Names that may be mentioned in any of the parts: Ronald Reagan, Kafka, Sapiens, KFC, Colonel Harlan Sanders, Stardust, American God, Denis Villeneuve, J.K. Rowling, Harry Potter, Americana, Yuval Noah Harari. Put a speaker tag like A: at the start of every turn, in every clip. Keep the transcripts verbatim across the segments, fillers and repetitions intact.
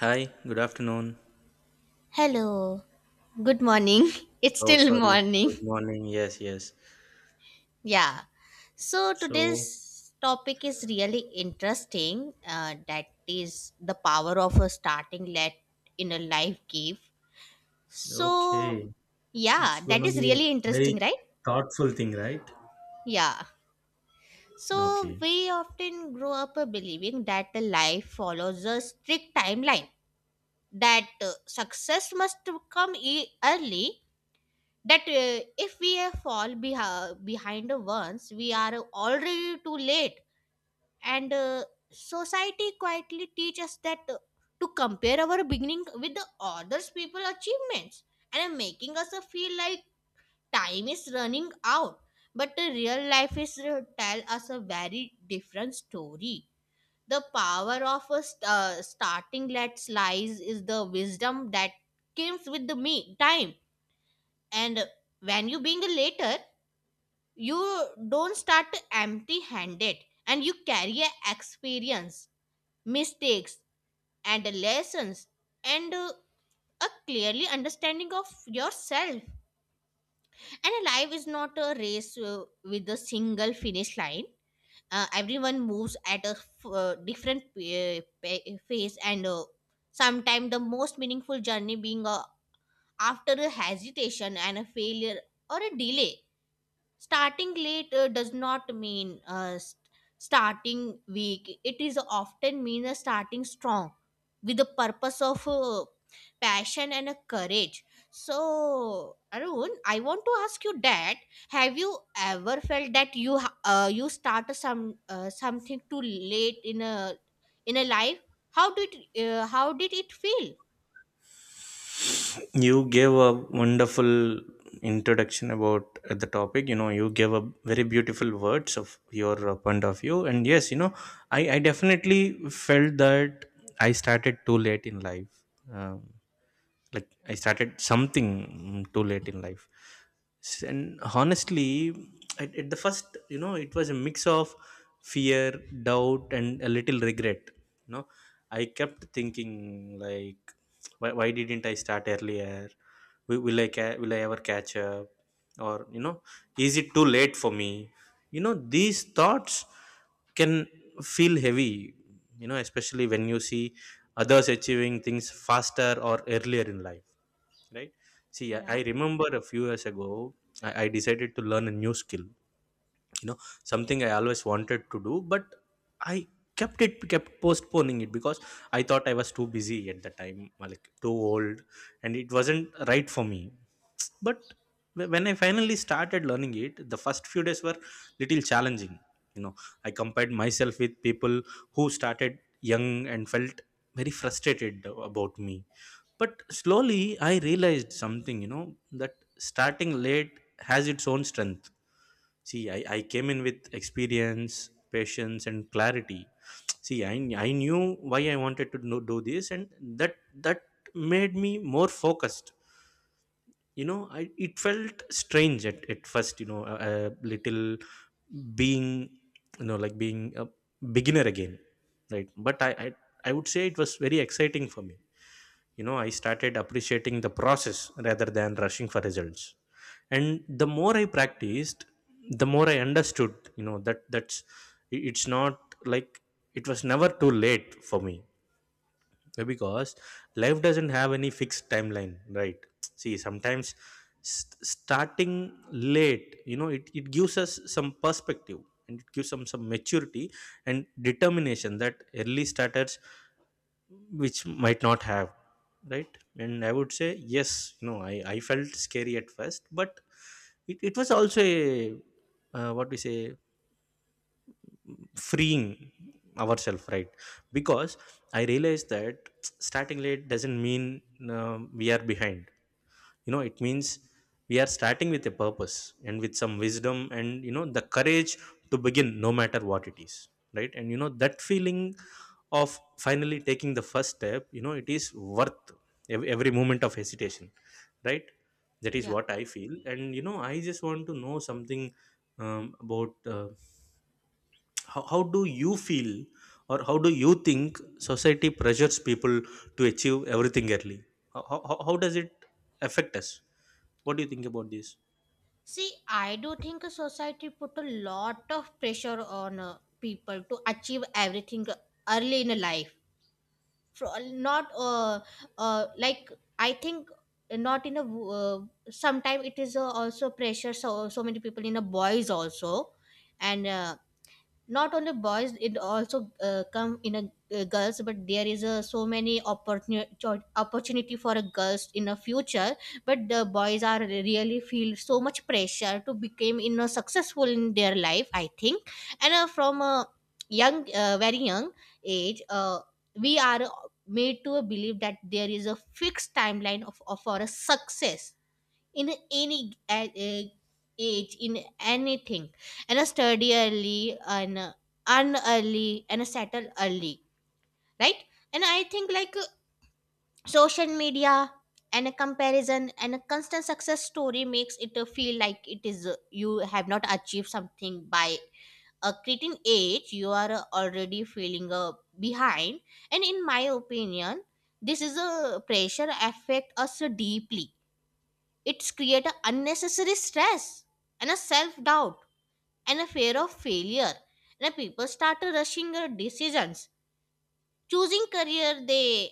A: Hi, good afternoon.
B: Hello. Good morning. It's
A: Oh,
B: still
A: sorry.
B: morning.
A: Good morning. Yes, yes.
B: Yeah. So
A: So,
B: today's topic is really interesting. Uh, that is the power of a starting let in a life give. So
A: okay. It's
B: yeah, that
A: gonna
B: is
A: be a
B: really
A: very
B: interesting, right?
A: thoughtful thing, right?
B: Yeah. So
A: Okay.
B: we often grow up uh, believing that the life follows a strict timeline. That uh, success must come e- early, that uh, if we uh, fall beha- behind, once we are already too late. And uh, society quietly teaches us that, uh, to compare our beginning with the others people achievements, and uh, making us uh, feel like time is running out. But the real life is uh, tell us a very different story. The power of a st- uh, starting let's lies is the wisdom that comes with the me time. And when you being later, you don't start empty handed, and you carry a experience, mistakes, and lessons, and uh, a clearly understanding of yourself. And a life is not a race uh, with a single finish line. Uh, everyone moves at a f- uh, different p- pa- pace, and uh, sometimes the most meaningful journey being uh, after a hesitation and a failure or a delay. Starting late uh, does not mean uh, st- starting weak, it is often mean a starting strong with the purpose of uh, passion and a courage. So Arun, I want to ask you that, have you ever felt that you ha- uh, you start some uh, something too late in a in a life? How did uh, how did it feel?
A: You gave a wonderful introduction about uh, the topic. You know, you gave a very beautiful words of your uh, point of view. And yes, you know, I, I definitely felt that I started too late in life. Um, like I started something mm, too late in life. S- and honestly, at, at the first, you know, it was a mix of fear, doubt and a little regret. You know, I kept thinking, like, why, why didn't I start earlier? Will, will i ca- will I ever catch up? Or, you know, is it too late for me? You know, these thoughts can feel heavy, you know, especially when you see others achieving things faster or earlier in life, right? See i, I
B: Yeah.
A: remember a few years ago I, I decided to learn a new skill, you know, something I always wanted to do, but I kept it kept postponing it because I thought I was too busy at the time, like too old, and it wasn't right for me. But wh- when I finally started learning it, the first few days were little challenging. You know, I compared myself with people who started young and felt very frustrated about me. But slowly I realized something, you know, that starting late has its own strength. See i, I came in with experience, patience and clarity. See i, I knew why I wanted to know, do this, and that that made me more focused. You know, I, it felt strange at, at first, you know, a, a little being, you know, like being a beginner again, right? But I, I i would say it was very exciting for me. You know, I started appreciating the process rather than rushing for results, and the more I practiced, the more I understood, you know, that that's it's not like, it was never too late for me, uh, because life doesn't have any fixed timeline, right? See sometimes st- starting late, you know, it, it gives us some perspective, and it gives some some maturity and determination that early starters which might not have, right? And I would say yes, you know, i i felt scary at first, but it, it was also a, uh, what we say, freeing ourselves, right? Because I realized that starting late doesn't mean, uh, we are behind. You know, it means we are starting with a purpose and with some wisdom and, you know, the courage to begin no matter what it is, right? And you know that feeling of finally taking the first step, you know, it is worth ev- every moment of hesitation, right? That is
B: Yeah.
A: what I feel, and, you know, I just want to know something um, about, uh, how, how do you feel, or how do you think society pressures people to achieve everything early? How, how, how does it affect us? What do you think about this?
B: See, I do think a society put a lot of pressure on uh, people to achieve everything early in life. For, not uh, uh, like I think, not in a, uh, sometime it is uh, also pressure, so so many people in a boys also. And uh, not only boys, it also uh, come in a uh, girls, but there is a so many opportunity opportunity for a girls in a future. But the boys are really feel so much pressure to become you know successful in their life I think. And uh, from a young uh, very young age, uh, we are made to believe that there is a fixed timeline of, of for a success in any a- a- age, in anything. And a study early, and uh, earn early, and settle early, right? And I think like, uh, social media and a comparison and a constant success story makes it uh, feel like it is, uh, you have not achieved something by a certain age, you are uh, already feeling uh, behind. And in my opinion, this is a pressure affect us deeply. It's create a unnecessary stress and a self-doubt and a fear of failure, and people start rushing their decisions, choosing career they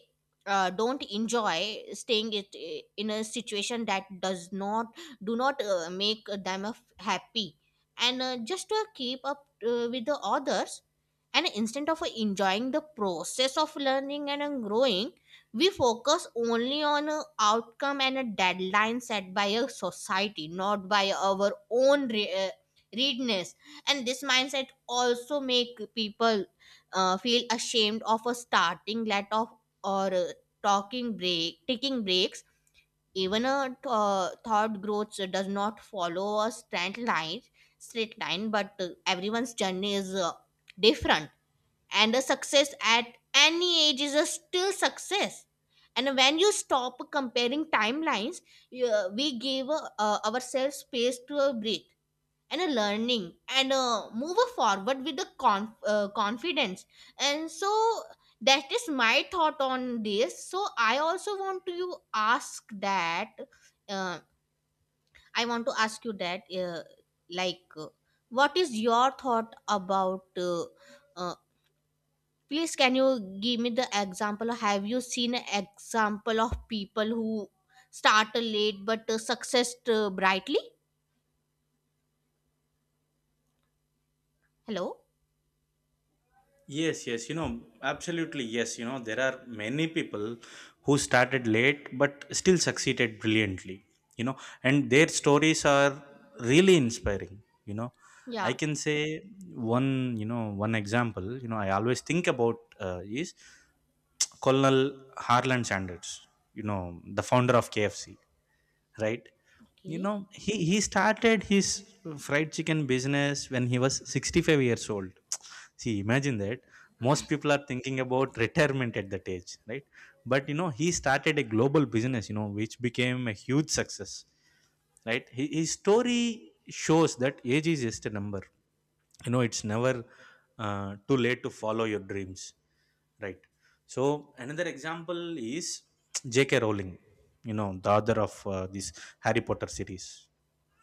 B: uh, don't enjoy, staying it eh, in a situation that does not, do not uh, make them f- happy, and uh, just to keep up uh, with the others. And instead of enjoying the process of learning and uh, growing, we focus only on a outcome and a deadline set by a society, not by our own re- uh, readiness. And this mindset also make people uh, feel ashamed of a starting let off, or uh, talking break taking breaks, even a th- uh, thought growth does not follow a straight line straight line. But uh, everyone's journey is uh, different, and a success at any age is a still success. And when you stop comparing timelines, you, we give uh, ourselves space to a break and a learning and uh, move forward with the conf- uh, confidence. And so that is my thought on this. So I also want to you ask that, uh, I want to ask you that, uh, like uh, what is your thought about, uh, uh, please can you give me the example, have you seen an example of people who start late but uh, success uh, brightly? Hello.
A: Yes, yes, you know, absolutely yes. You know, there are many people who started late but still succeeded brilliantly, you know, and their stories are really inspiring. You know, I
B: Yeah.
A: can say one, you know, one example, you know, I always think about uh, is Colonel Harlan Sanders, you know, the founder of K F C, right. You
B: Okay.
A: know, he he started his fried chicken business when he was sixty-five years old. See, imagine that. Most people are thinking about retirement at that age, right? But you know, he started a global business, you know, which became a huge success, right? Hi- his story shows that age is just a number. You know, it's never uh, too late to follow your dreams, right? So another example is JK Rowling, you know, the author of uh, this Harry Potter series.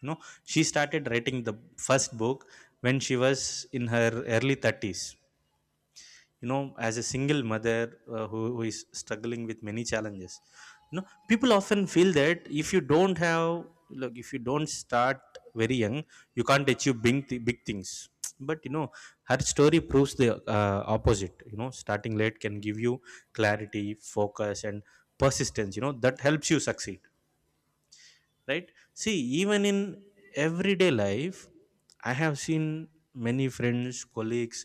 A: You know, she started writing the first book when she was in her early thirties, you know, as a single mother, uh, who, who is struggling with many challenges. You know, people often feel that if you don't have, look, if you don't start very young, you can't achieve big, th- big things. But you know, her story proves the, uh, opposite. You know, starting late can give you clarity, focus and persistence, you know, that helps you succeed, right? See, even in everyday life, I have seen many friends, colleagues,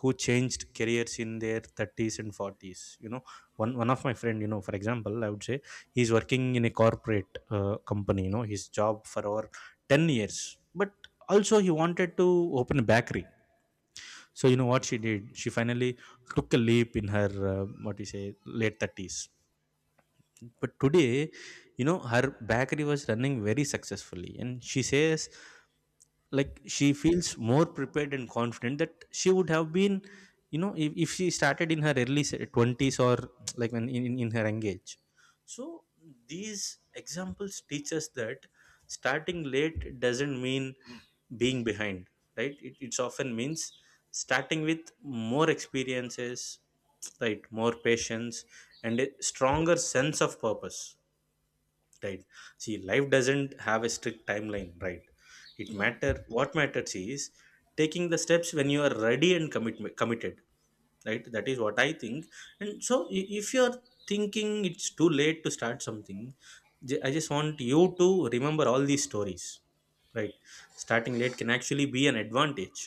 A: who changed careers in their thirties and forties. You know, one one of my friend, you know, for example, I would say, he's working in a corporate uh, company, you know, his job for over ten years, but also he wanted to open a bakery. So you know what she did, she finally took a leap in her, uh, what do you say, late thirties. But today, you know, her bakery was running very successfully, and she says, like, she feels more prepared and confident that she would have been, you know, if, if she started in her early se- twenties, or like when in, in in her engage. So these examples teach us that starting late doesn't mean being behind, right. It, it's often means starting with more experiences, right, more patience and a stronger sense of purpose, right? See, life doesn't have a strict timeline, right. it
B: Yeah.
A: matter What matters is taking the steps when you are ready and commit, committed, right? That is what I think. And so i- if you are thinking it's too late to start something, ju- I just want you to remember all these stories, right. Starting late can actually be an advantage.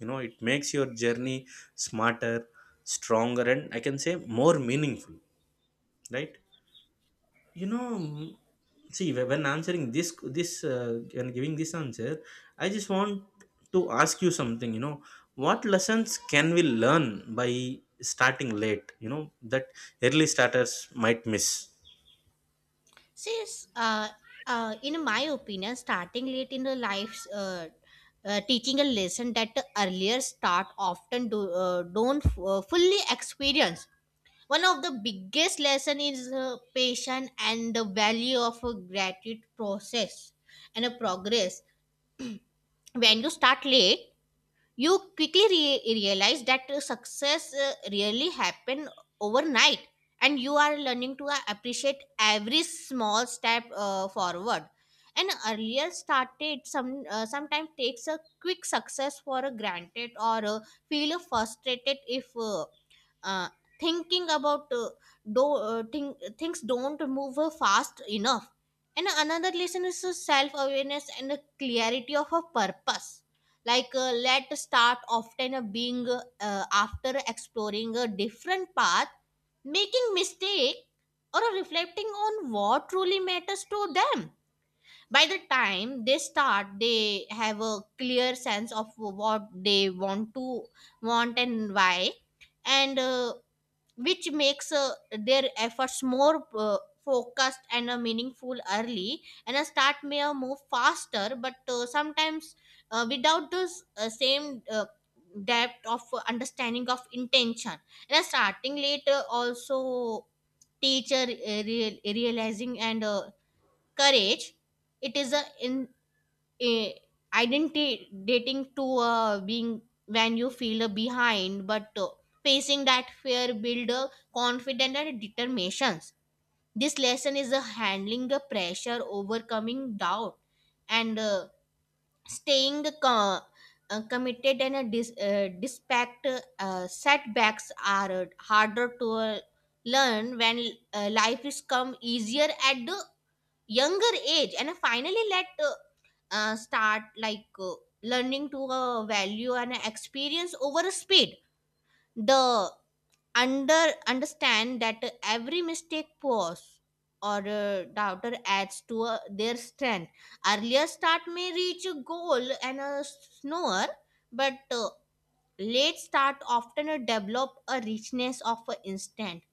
A: You know, it makes your journey smarter, stronger, and I can say more meaningful, right? You know, mm, see whe- when answering this, this uh, when giving this answer, I just want to ask you something. You know, what lessons can we learn by starting late, you know, that early starters might miss?
B: Since, uh, uh, in my opinion, starting late in the life, uh, uh, teaching a lesson that the earlier start often do, uh, don't uh, fully experience. One of the biggest lesson is uh, patience and the value of a gratitude process and a progress. When you start late, you quickly re- realize that uh, success uh, really happen overnight, and you are learning to uh, appreciate every small step uh, forward. An earlier started some uh, sometimes takes a quick success for a granted, or uh, feel frustrated if uh, uh, thinking about uh, do uh, think, things don't move uh, fast enough. And another lesson is self awareness and a clarity of a purpose. Like uh, let start often uh, being uh, after exploring a different path, making mistake, or uh, reflecting on what truly matters to them. By the time they start, they have a clear sense of what they want to want and why, and uh, which makes uh, their efforts more uh, focused and uh, meaningful early. And a start may uh, move faster, but uh, sometimes uh, without this uh, same uh, depth of uh, understanding of intention. And a starting later also teacher uh, real, realizing and uh, courage. It is a in, eh, identity dating to uh, being, when you feel uh, behind, but uh, facing that fear build uh, confidence and determinations. This lesson is uh, handling the pressure, overcoming doubt, and uh, staying co- uh, committed, and uh, dis- uh, despite uh, setbacks are uh, harder to uh, learn, when uh, life is come easier at the younger age. And finally let uh, uh, start like uh, learning to uh, value and experience over speed. The under understand that every mistake pause, or uh, doubter adds to uh, their strength. Earlier start may reach a goal and a snore, but uh, late start often uh, develop a richness of uh, instant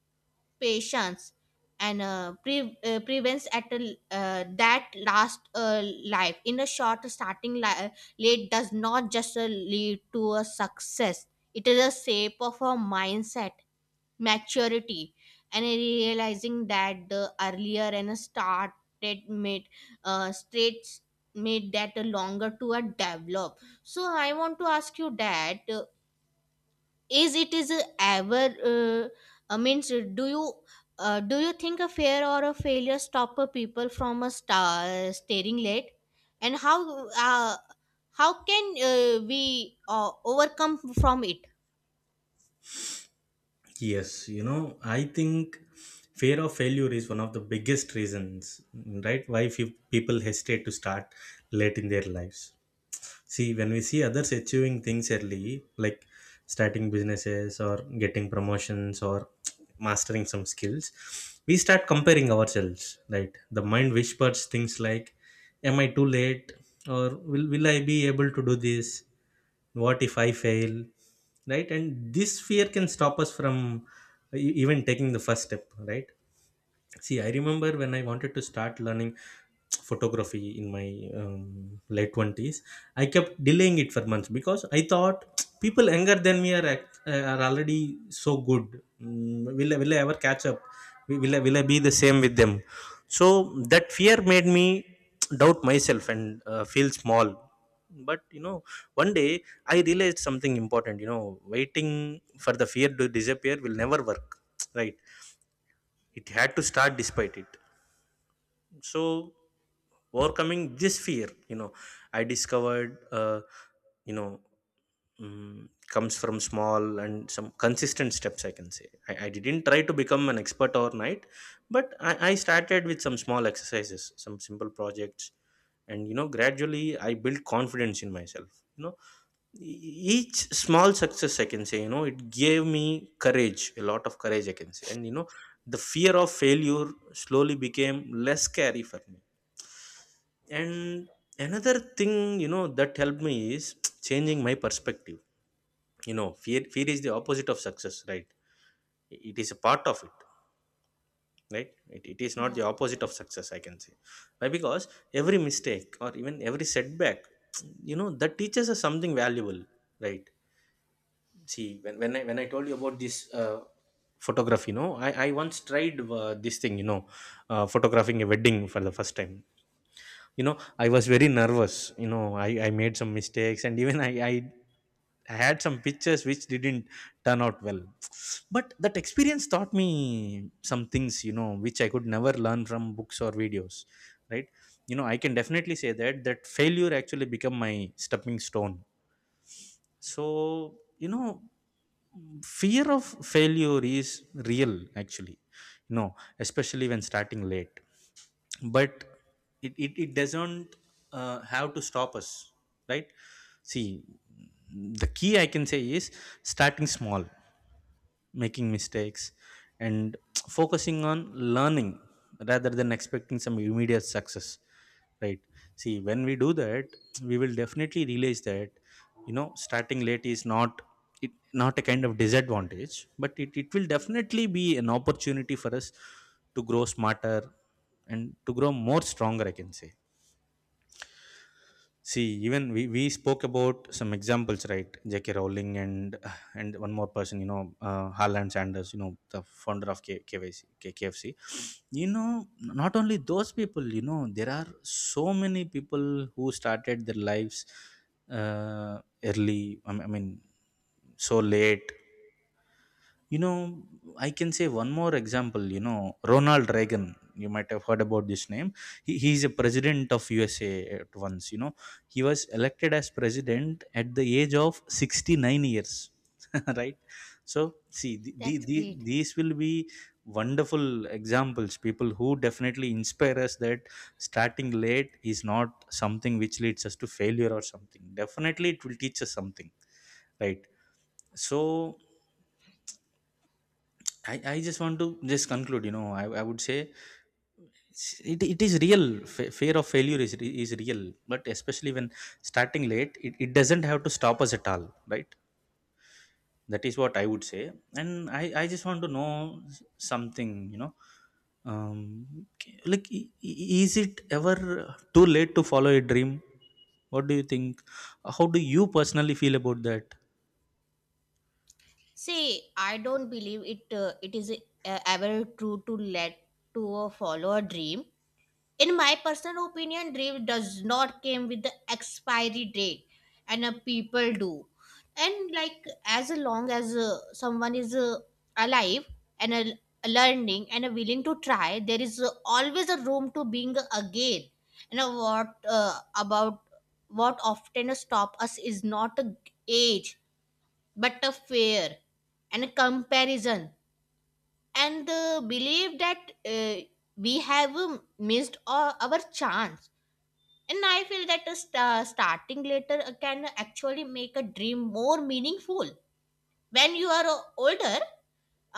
B: patience, and uh, pre- uh, prevents at a, uh, that last uh, life in a short starting li- late does not just uh, lead to a success. It is a shape of a mindset, maturity, and realizing that the earlier and started made uh, states made that longer to a develop. So I want to ask you that, uh, is it is a ever uh, uh, means uh, do you uh, do you think a fear or a failure stop a people from a star staring late, and how, uh, how can uh, we uh, overcome from it?
A: Yes, you know, I think fear of failure is one of the biggest reasons, right? Why fe- people hesitate to start late in their lives. See, when we see others achieving things early, like starting businesses, or getting promotions, or mastering some skills, we start comparing ourselves, right? The mind whispers things like, am I too late? Or will, will I be able to do this? What if I fail? Right? And this fear can stop us from e- even taking the first step, right? See, I remember when I wanted to start learning photography in my um, late twenties, I kept delaying it for months because I thought people younger than me are, act- uh, are already so good. Mm, will, I- will I ever catch up? Will will I, will I be the same with them? So that fear made me doubt myself and uh, feel small. But you know, one day I realized something important. You know, waiting for the fear to disappear will never work, right? It had to start despite it. So overcoming this fear, you know, I discovered, uh, you know, mm, comes from small and some consistent steps, I can say. I, I didn't try to become an expert overnight, but I, I started with some small exercises, some simple projects, and, you know, gradually I built confidence in myself. You know, each small success, I can say, you know, it gave me courage, a lot of courage, I can say. And, you know, the fear of failure slowly became less scary for me. And another thing, you know, that helped me is, changing my perspective. You know, fear fear is the opposite of success, right. It is a part of it, right. It, it is not
B: Yeah,
A: the opposite of success, I can say. Why? Because every mistake, or even every setback, you know, that teaches us something valuable, right? See, when, when I when I told you about this uh, photography, you know, I, I once tried uh, this thing, you know, uh, photographing a wedding for the first time. You know, I was very nervous. You know, I, I made some mistakes, and even I, I had some pictures which didn't turn out well. But that experience taught me some things, you know, which I could never learn from books or videos, right? You know, I can definitely say that that failure actually become my stepping stone, so you know fear of failure is real actually, you know, especially when starting late. But it, it, it doesn't uh, have to stop us, right? See, the key I can say is starting small, making mistakes, and focusing on learning rather than expecting some immediate success, right? See, when we do that, we will definitely realize that, you know starting late is not it not a kind of disadvantage, but it, it will definitely be an opportunity for us to grow smarter and to grow more stronger, I can say. See, even we, we spoke about some examples, right? JK Rowling, and and one more person, you know, uh, Harlan Sanders, you know, the founder of K- KYC, K- kfc. You know, not only those people, you know, there are so many people who started their lives uh, early I mean I mean, so late. You know, I can say one more example. You know, Ronald Reagan. You might have heard about this name. He, he's a president of U S A at once. You know, he was elected as president at the age of sixty-nine years, right? So, see, the, the,
B: that's
A: the,
B: great.
A: these will be wonderful examples. People who definitely inspire us that starting late is not something which leads us to failure or something. Definitely, it will teach us something, right? So, I, I just want to just conclude. You know i, I would say s- it, it is real. Fa- fear of failure is, re- is real, but especially when starting late, it, it doesn't have to stop us at all, right? That is what I would say. And i, I just want to know s- something, you know. Um, k- like i- i- is it ever too late to follow a dream? What do you think? How do you personally feel about that?
B: See, I don't believe it. Uh, it is uh, ever true to let to uh, follow a dream. In my personal opinion, dream does not came with the expiry date, and uh, people do, and like as long as uh, someone is uh, alive and uh, learning and uh, willing to try, there is uh, always a room to being again. And uh, what uh, about what often stop us is not a age, but a fear and a comparison, and the belief that uh, we have um, missed our, our chance. And I feel that uh, st- uh, starting later uh, can actually make a dream more meaningful. When you are uh, older,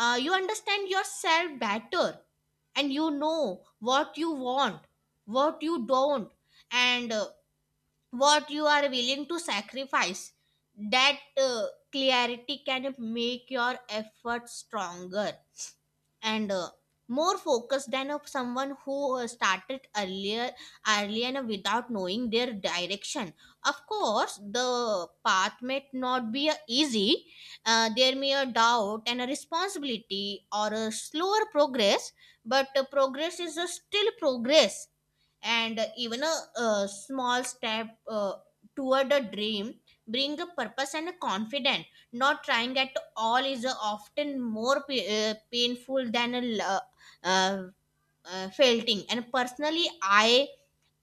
B: uh, you understand yourself better, and you know what you want, what you don't, and uh, what you are willing to sacrifice. That uh, clarity can make your effort stronger and uh, more focused than of someone who uh, started earlier, early, and without knowing their direction. Of course the path may not be uh, easy, uh, there may a doubt and a responsibility or a slower progress, but uh, progress is a still progress. And even a, a small step uh, toward a dream bring a purpose and a confidence. Not trying at all is uh, often more pa- uh, painful than a l- uh, uh, uh, felting. And personally I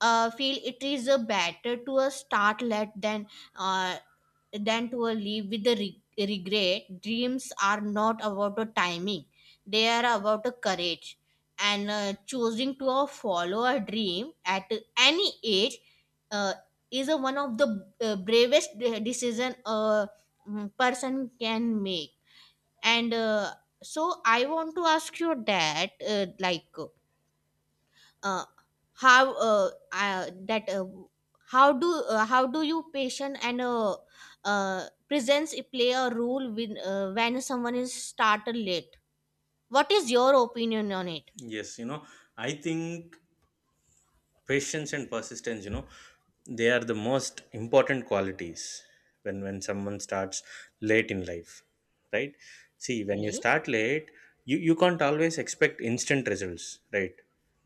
B: uh, feel it is uh, better to uh, start late than uh, than to a leave with the re- regret. Dreams are not about the timing, they are about the courage. And uh, choosing to uh, follow a dream at any age uh, is a one of the uh, bravest de- decision a mm, person can make. And uh, so I want to ask you that, uh, like uh, how uh, uh, that uh, how do uh, how do you patient and uh, uh, presence play a role when uh, when someone is started late? What is your opinion on it?
A: Yes, you know, I think patience and persistence, you know, they are the most important qualities when when someone starts late in life, right? See, when you
B: Okay.
A: start late, you you can't always expect instant results, right?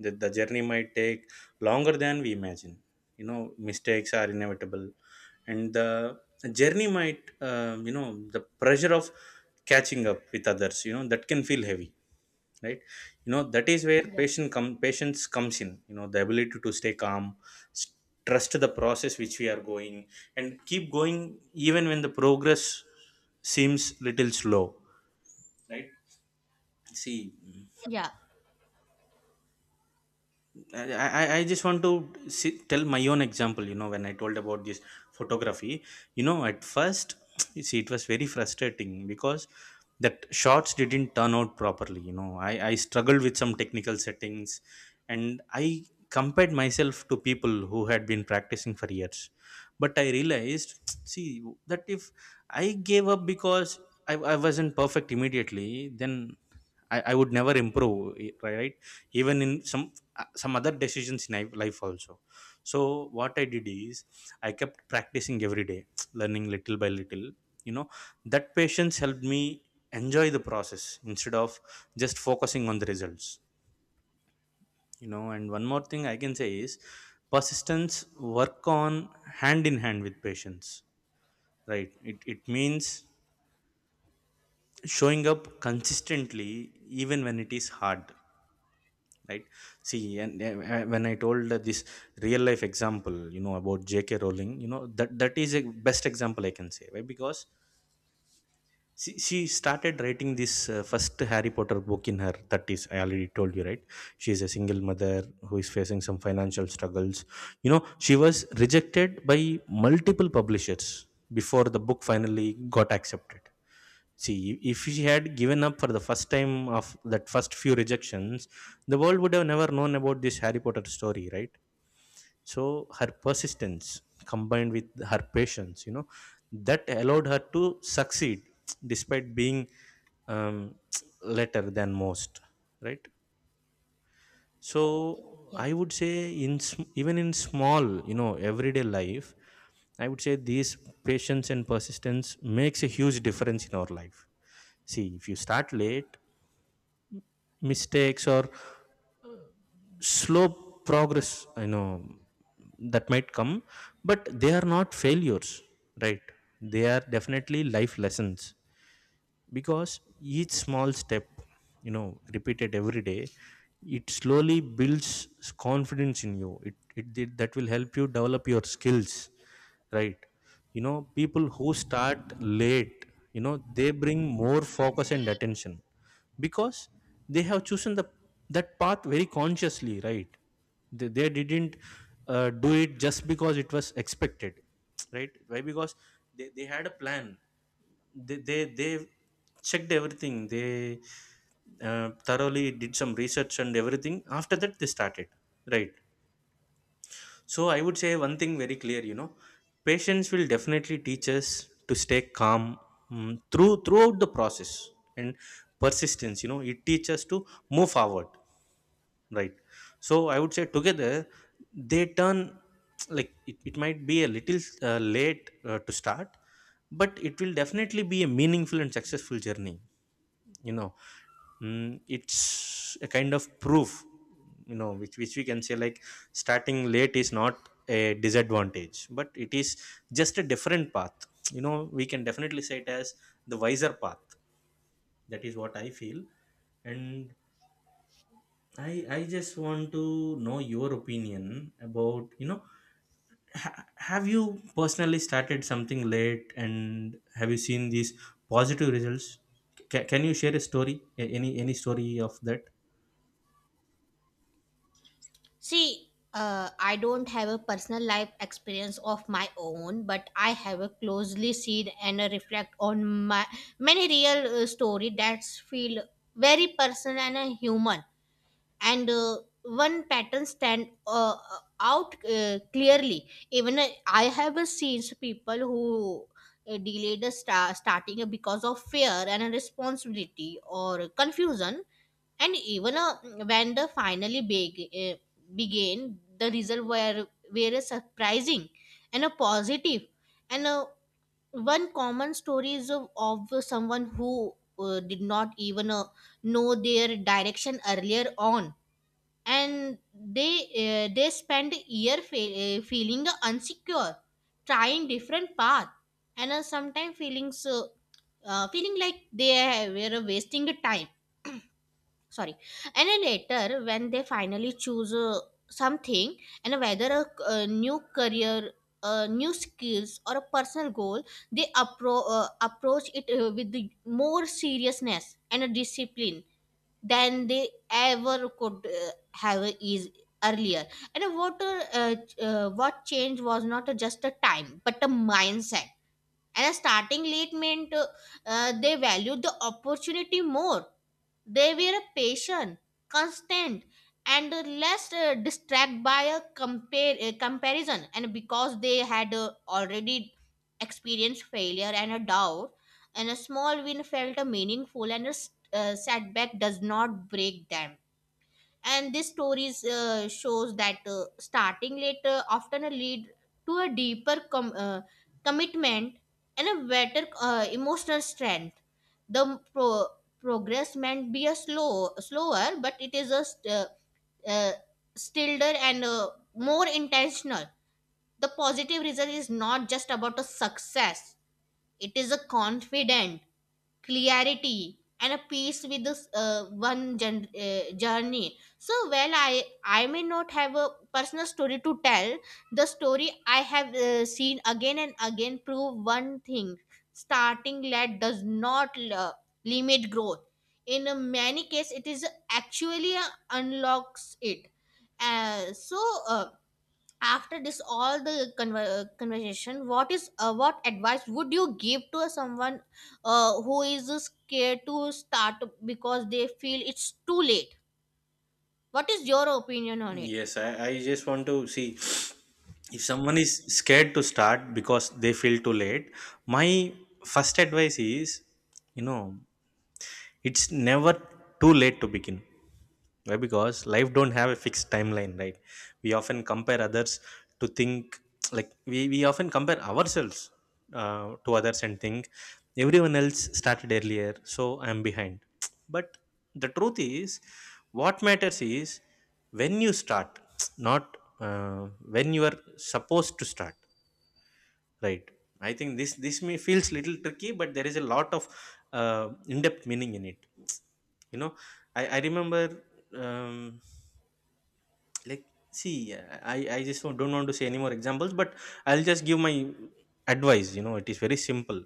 A: The, the journey might take longer than we imagine. You know, mistakes are inevitable, and the journey might um, you know, the pressure of catching up with others, you know, that can feel heavy, right? You know, that is where
B: Yeah.
A: patient com- patience comes in, you know, the ability to stay calm, s- trust the process which we are going, and keep going even when the progress seems little slow, right? See,
B: Yeah.
A: I, I I just want to see, tell my own example. You know, when I told about this photography, you know, at first, you see, it was very frustrating because that shots didn't turn out properly. You know, I, I struggled with some technical settings and I compared myself to people who had been practicing for years. But I realized, see, that if I gave up because I, I wasn't perfect immediately, then I, I would never improve, i- right? Even in some uh, some other decisions in life life also. So what I did is I kept practicing every day, learning little by little. You know, that patience helped me enjoy the process instead of just focusing on the results. You know, and one more thing I can say is persistence work on hand in hand with patience, right? It, it means showing up consistently even when it is hard, right? See, and uh, uh, when I told uh, this real life example, you know, about JK Rowling, you know, that that is a best example I can say, right? Because she, she started writing this uh, first Harry Potter book in her thirties, I already told you, right? She is a single mother who is facing some financial struggles. You know, she was rejected by multiple publishers before the book finally got accepted. See, if she had given up for the first time of that first few rejections, the world would have never known about this Harry Potter story, right? So her persistence combined with her patience, you know, that allowed her to succeed despite being um, later than most, right? So
B: Yeah.
A: I would say, in sm- even in small, you know, everyday life, I would say these patience and persistence makes a huge difference in our life. See, if you start late, mistakes or slow progress, I know, that might come, but they are not failures, right? They are definitely life lessons, because each small step, you know, repeated every day, it slowly builds confidence in you. It, it, it that will help you develop your skills, right? You know, people who start late, you know, they bring more focus and attention, because they have chosen the that path very consciously, right? They, they didn't uh, do it just because it was expected, right? Why? Because they, they had a plan. They they, they checked everything. They uh, thoroughly did some research and everything. After that, they started, right? So I would say one thing very clear, you know, patience will definitely teach us to stay calm, mm, through throughout the process, and persistence. You know, it teaches us to move forward, right? So I would say together they turn like, it, it might be a little uh, late uh, to start, but it will definitely be a meaningful and successful journey. You know, mm, it's a kind of proof, you know, which which we can say like starting late is not a disadvantage, but it is just a different path. You know, we can definitely say it as the wiser path. That is what I feel. And i i just want to know your opinion about, you know, ha- have you personally started something late, and have you seen these positive results? Ca Can you share a story? A- any any story of that?
B: See, uh, I don't have a personal life experience of my own, but I have a closely seen and a reflect on my many real uh, story that's feel very personal and a human. And uh, one pattern stand uh, out uh, clearly. Even uh, I have uh, seen people who uh, delayed the star- starting because of fear and responsibility or confusion, and even uh, when they finally beg- uh, began, the results were were surprising and uh, positive. And uh, one common story is of, of someone who uh, did not even uh, know their direction earlier on, and they uh, they spend year fe- uh, feeling insecure, trying different path, and uh, sometimes feeling so uh, feeling like they were wasting the time, sorry. And then later, when they finally choose uh, something, and whether a, a new career, uh, new skills, or a personal goal, they appro- uh, approach it uh, with the more seriousness and a discipline than they ever could uh, have is earlier. And what uh, ch- uh, what changed was not uh, just a time but a mindset. And starting late meant uh, uh, they valued the opportunity more. They were patient, constant, and uh, less uh, distracted by a compare, uh, comparison. And because they had uh, already experienced failure and a doubt, and a small win felt uh, meaningful, and a s- uh, setback does not break them. And this stories uh, shows that uh, starting later often lead to a deeper com- uh, commitment and a better uh, emotional strength. The pro- progress might be a slow slower, but it is a st- uh, uh, stiller and uh, more intentional. The positive result is not just about a success. It is a confident, clarity, and a peace with this uh, one gen- uh, journey. So well, I i may not have a personal story to tell, the story I have uh, seen again and again prove one thing: starting late does not uh, limit growth, in uh, many cases it is actually uh, unlocks it. uh, so uh, After this all the conver- uh, conversation, what is, uh, what advice would you give to someone uh, who is scared to start because they feel it's too late? What is your opinion on it?
A: Yes, I, I just want to see, if someone is scared to start because they feel too late. My first advice is, you know, it's never too late to begin. Why? Because life don't have a fixed timeline, right? We often compare others to think like, we, we often compare ourselves uh, to others and think everyone else started earlier, so I'm behind. But the truth is, what matters is when you start, not uh, when you are supposed to start, right? I think this this may feels little tricky, but there is a lot of uh, in-depth meaning in it. You know, I, I remember. Um, like see uh, i i just don't don't want to say any more examples, but I'll just give my advice. You know, it is very simple.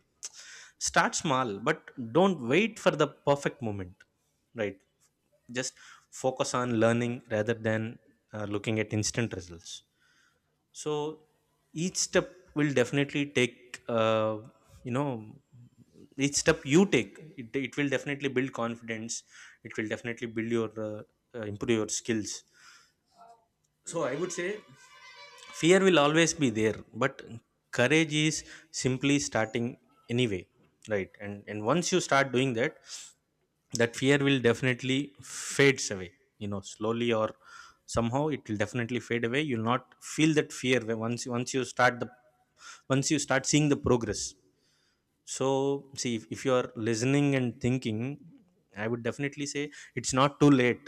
A: Start small, but don't wait for the perfect moment, right? Just focus on learning rather than uh, looking at instant results. So each step will definitely take uh, you know each step you take, it, it will definitely build confidence. It will definitely build your uh, uh, improve your skills. So I would say fear will always be there, but courage is simply starting anyway, right? And and once you start doing that, that fear will definitely fades away, you know, slowly or somehow it will definitely fade away. You'll not feel that fear when- once once you start the once you start seeing the progress. So, see, if, if you are listening and thinking, I would definitely say it's not too late.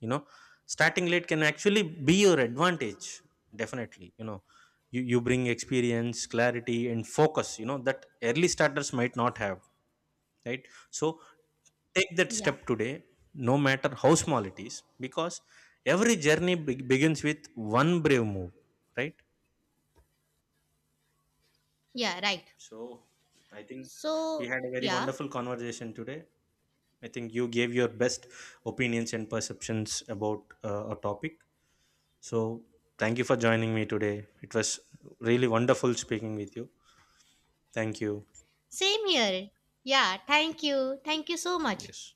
A: You know, starting late can actually be your advantage. Definitely, you know, you, you bring experience, clarity, and focus, you know, that early starters might not have, right? So, take that
B: Yeah.
A: step today, no matter how small it is, because every journey be- begins with one brave move, right?
B: Yeah, right.
A: So, I think we
B: So
A: had a very
B: yeah.
A: wonderful conversation today. I think you gave your best opinions and perceptions about uh, a topic. So, thank you for joining me today. It was really wonderful speaking with you. Thank you.
B: Same here. Yeah, thank you, thank you so much.
A: Yes.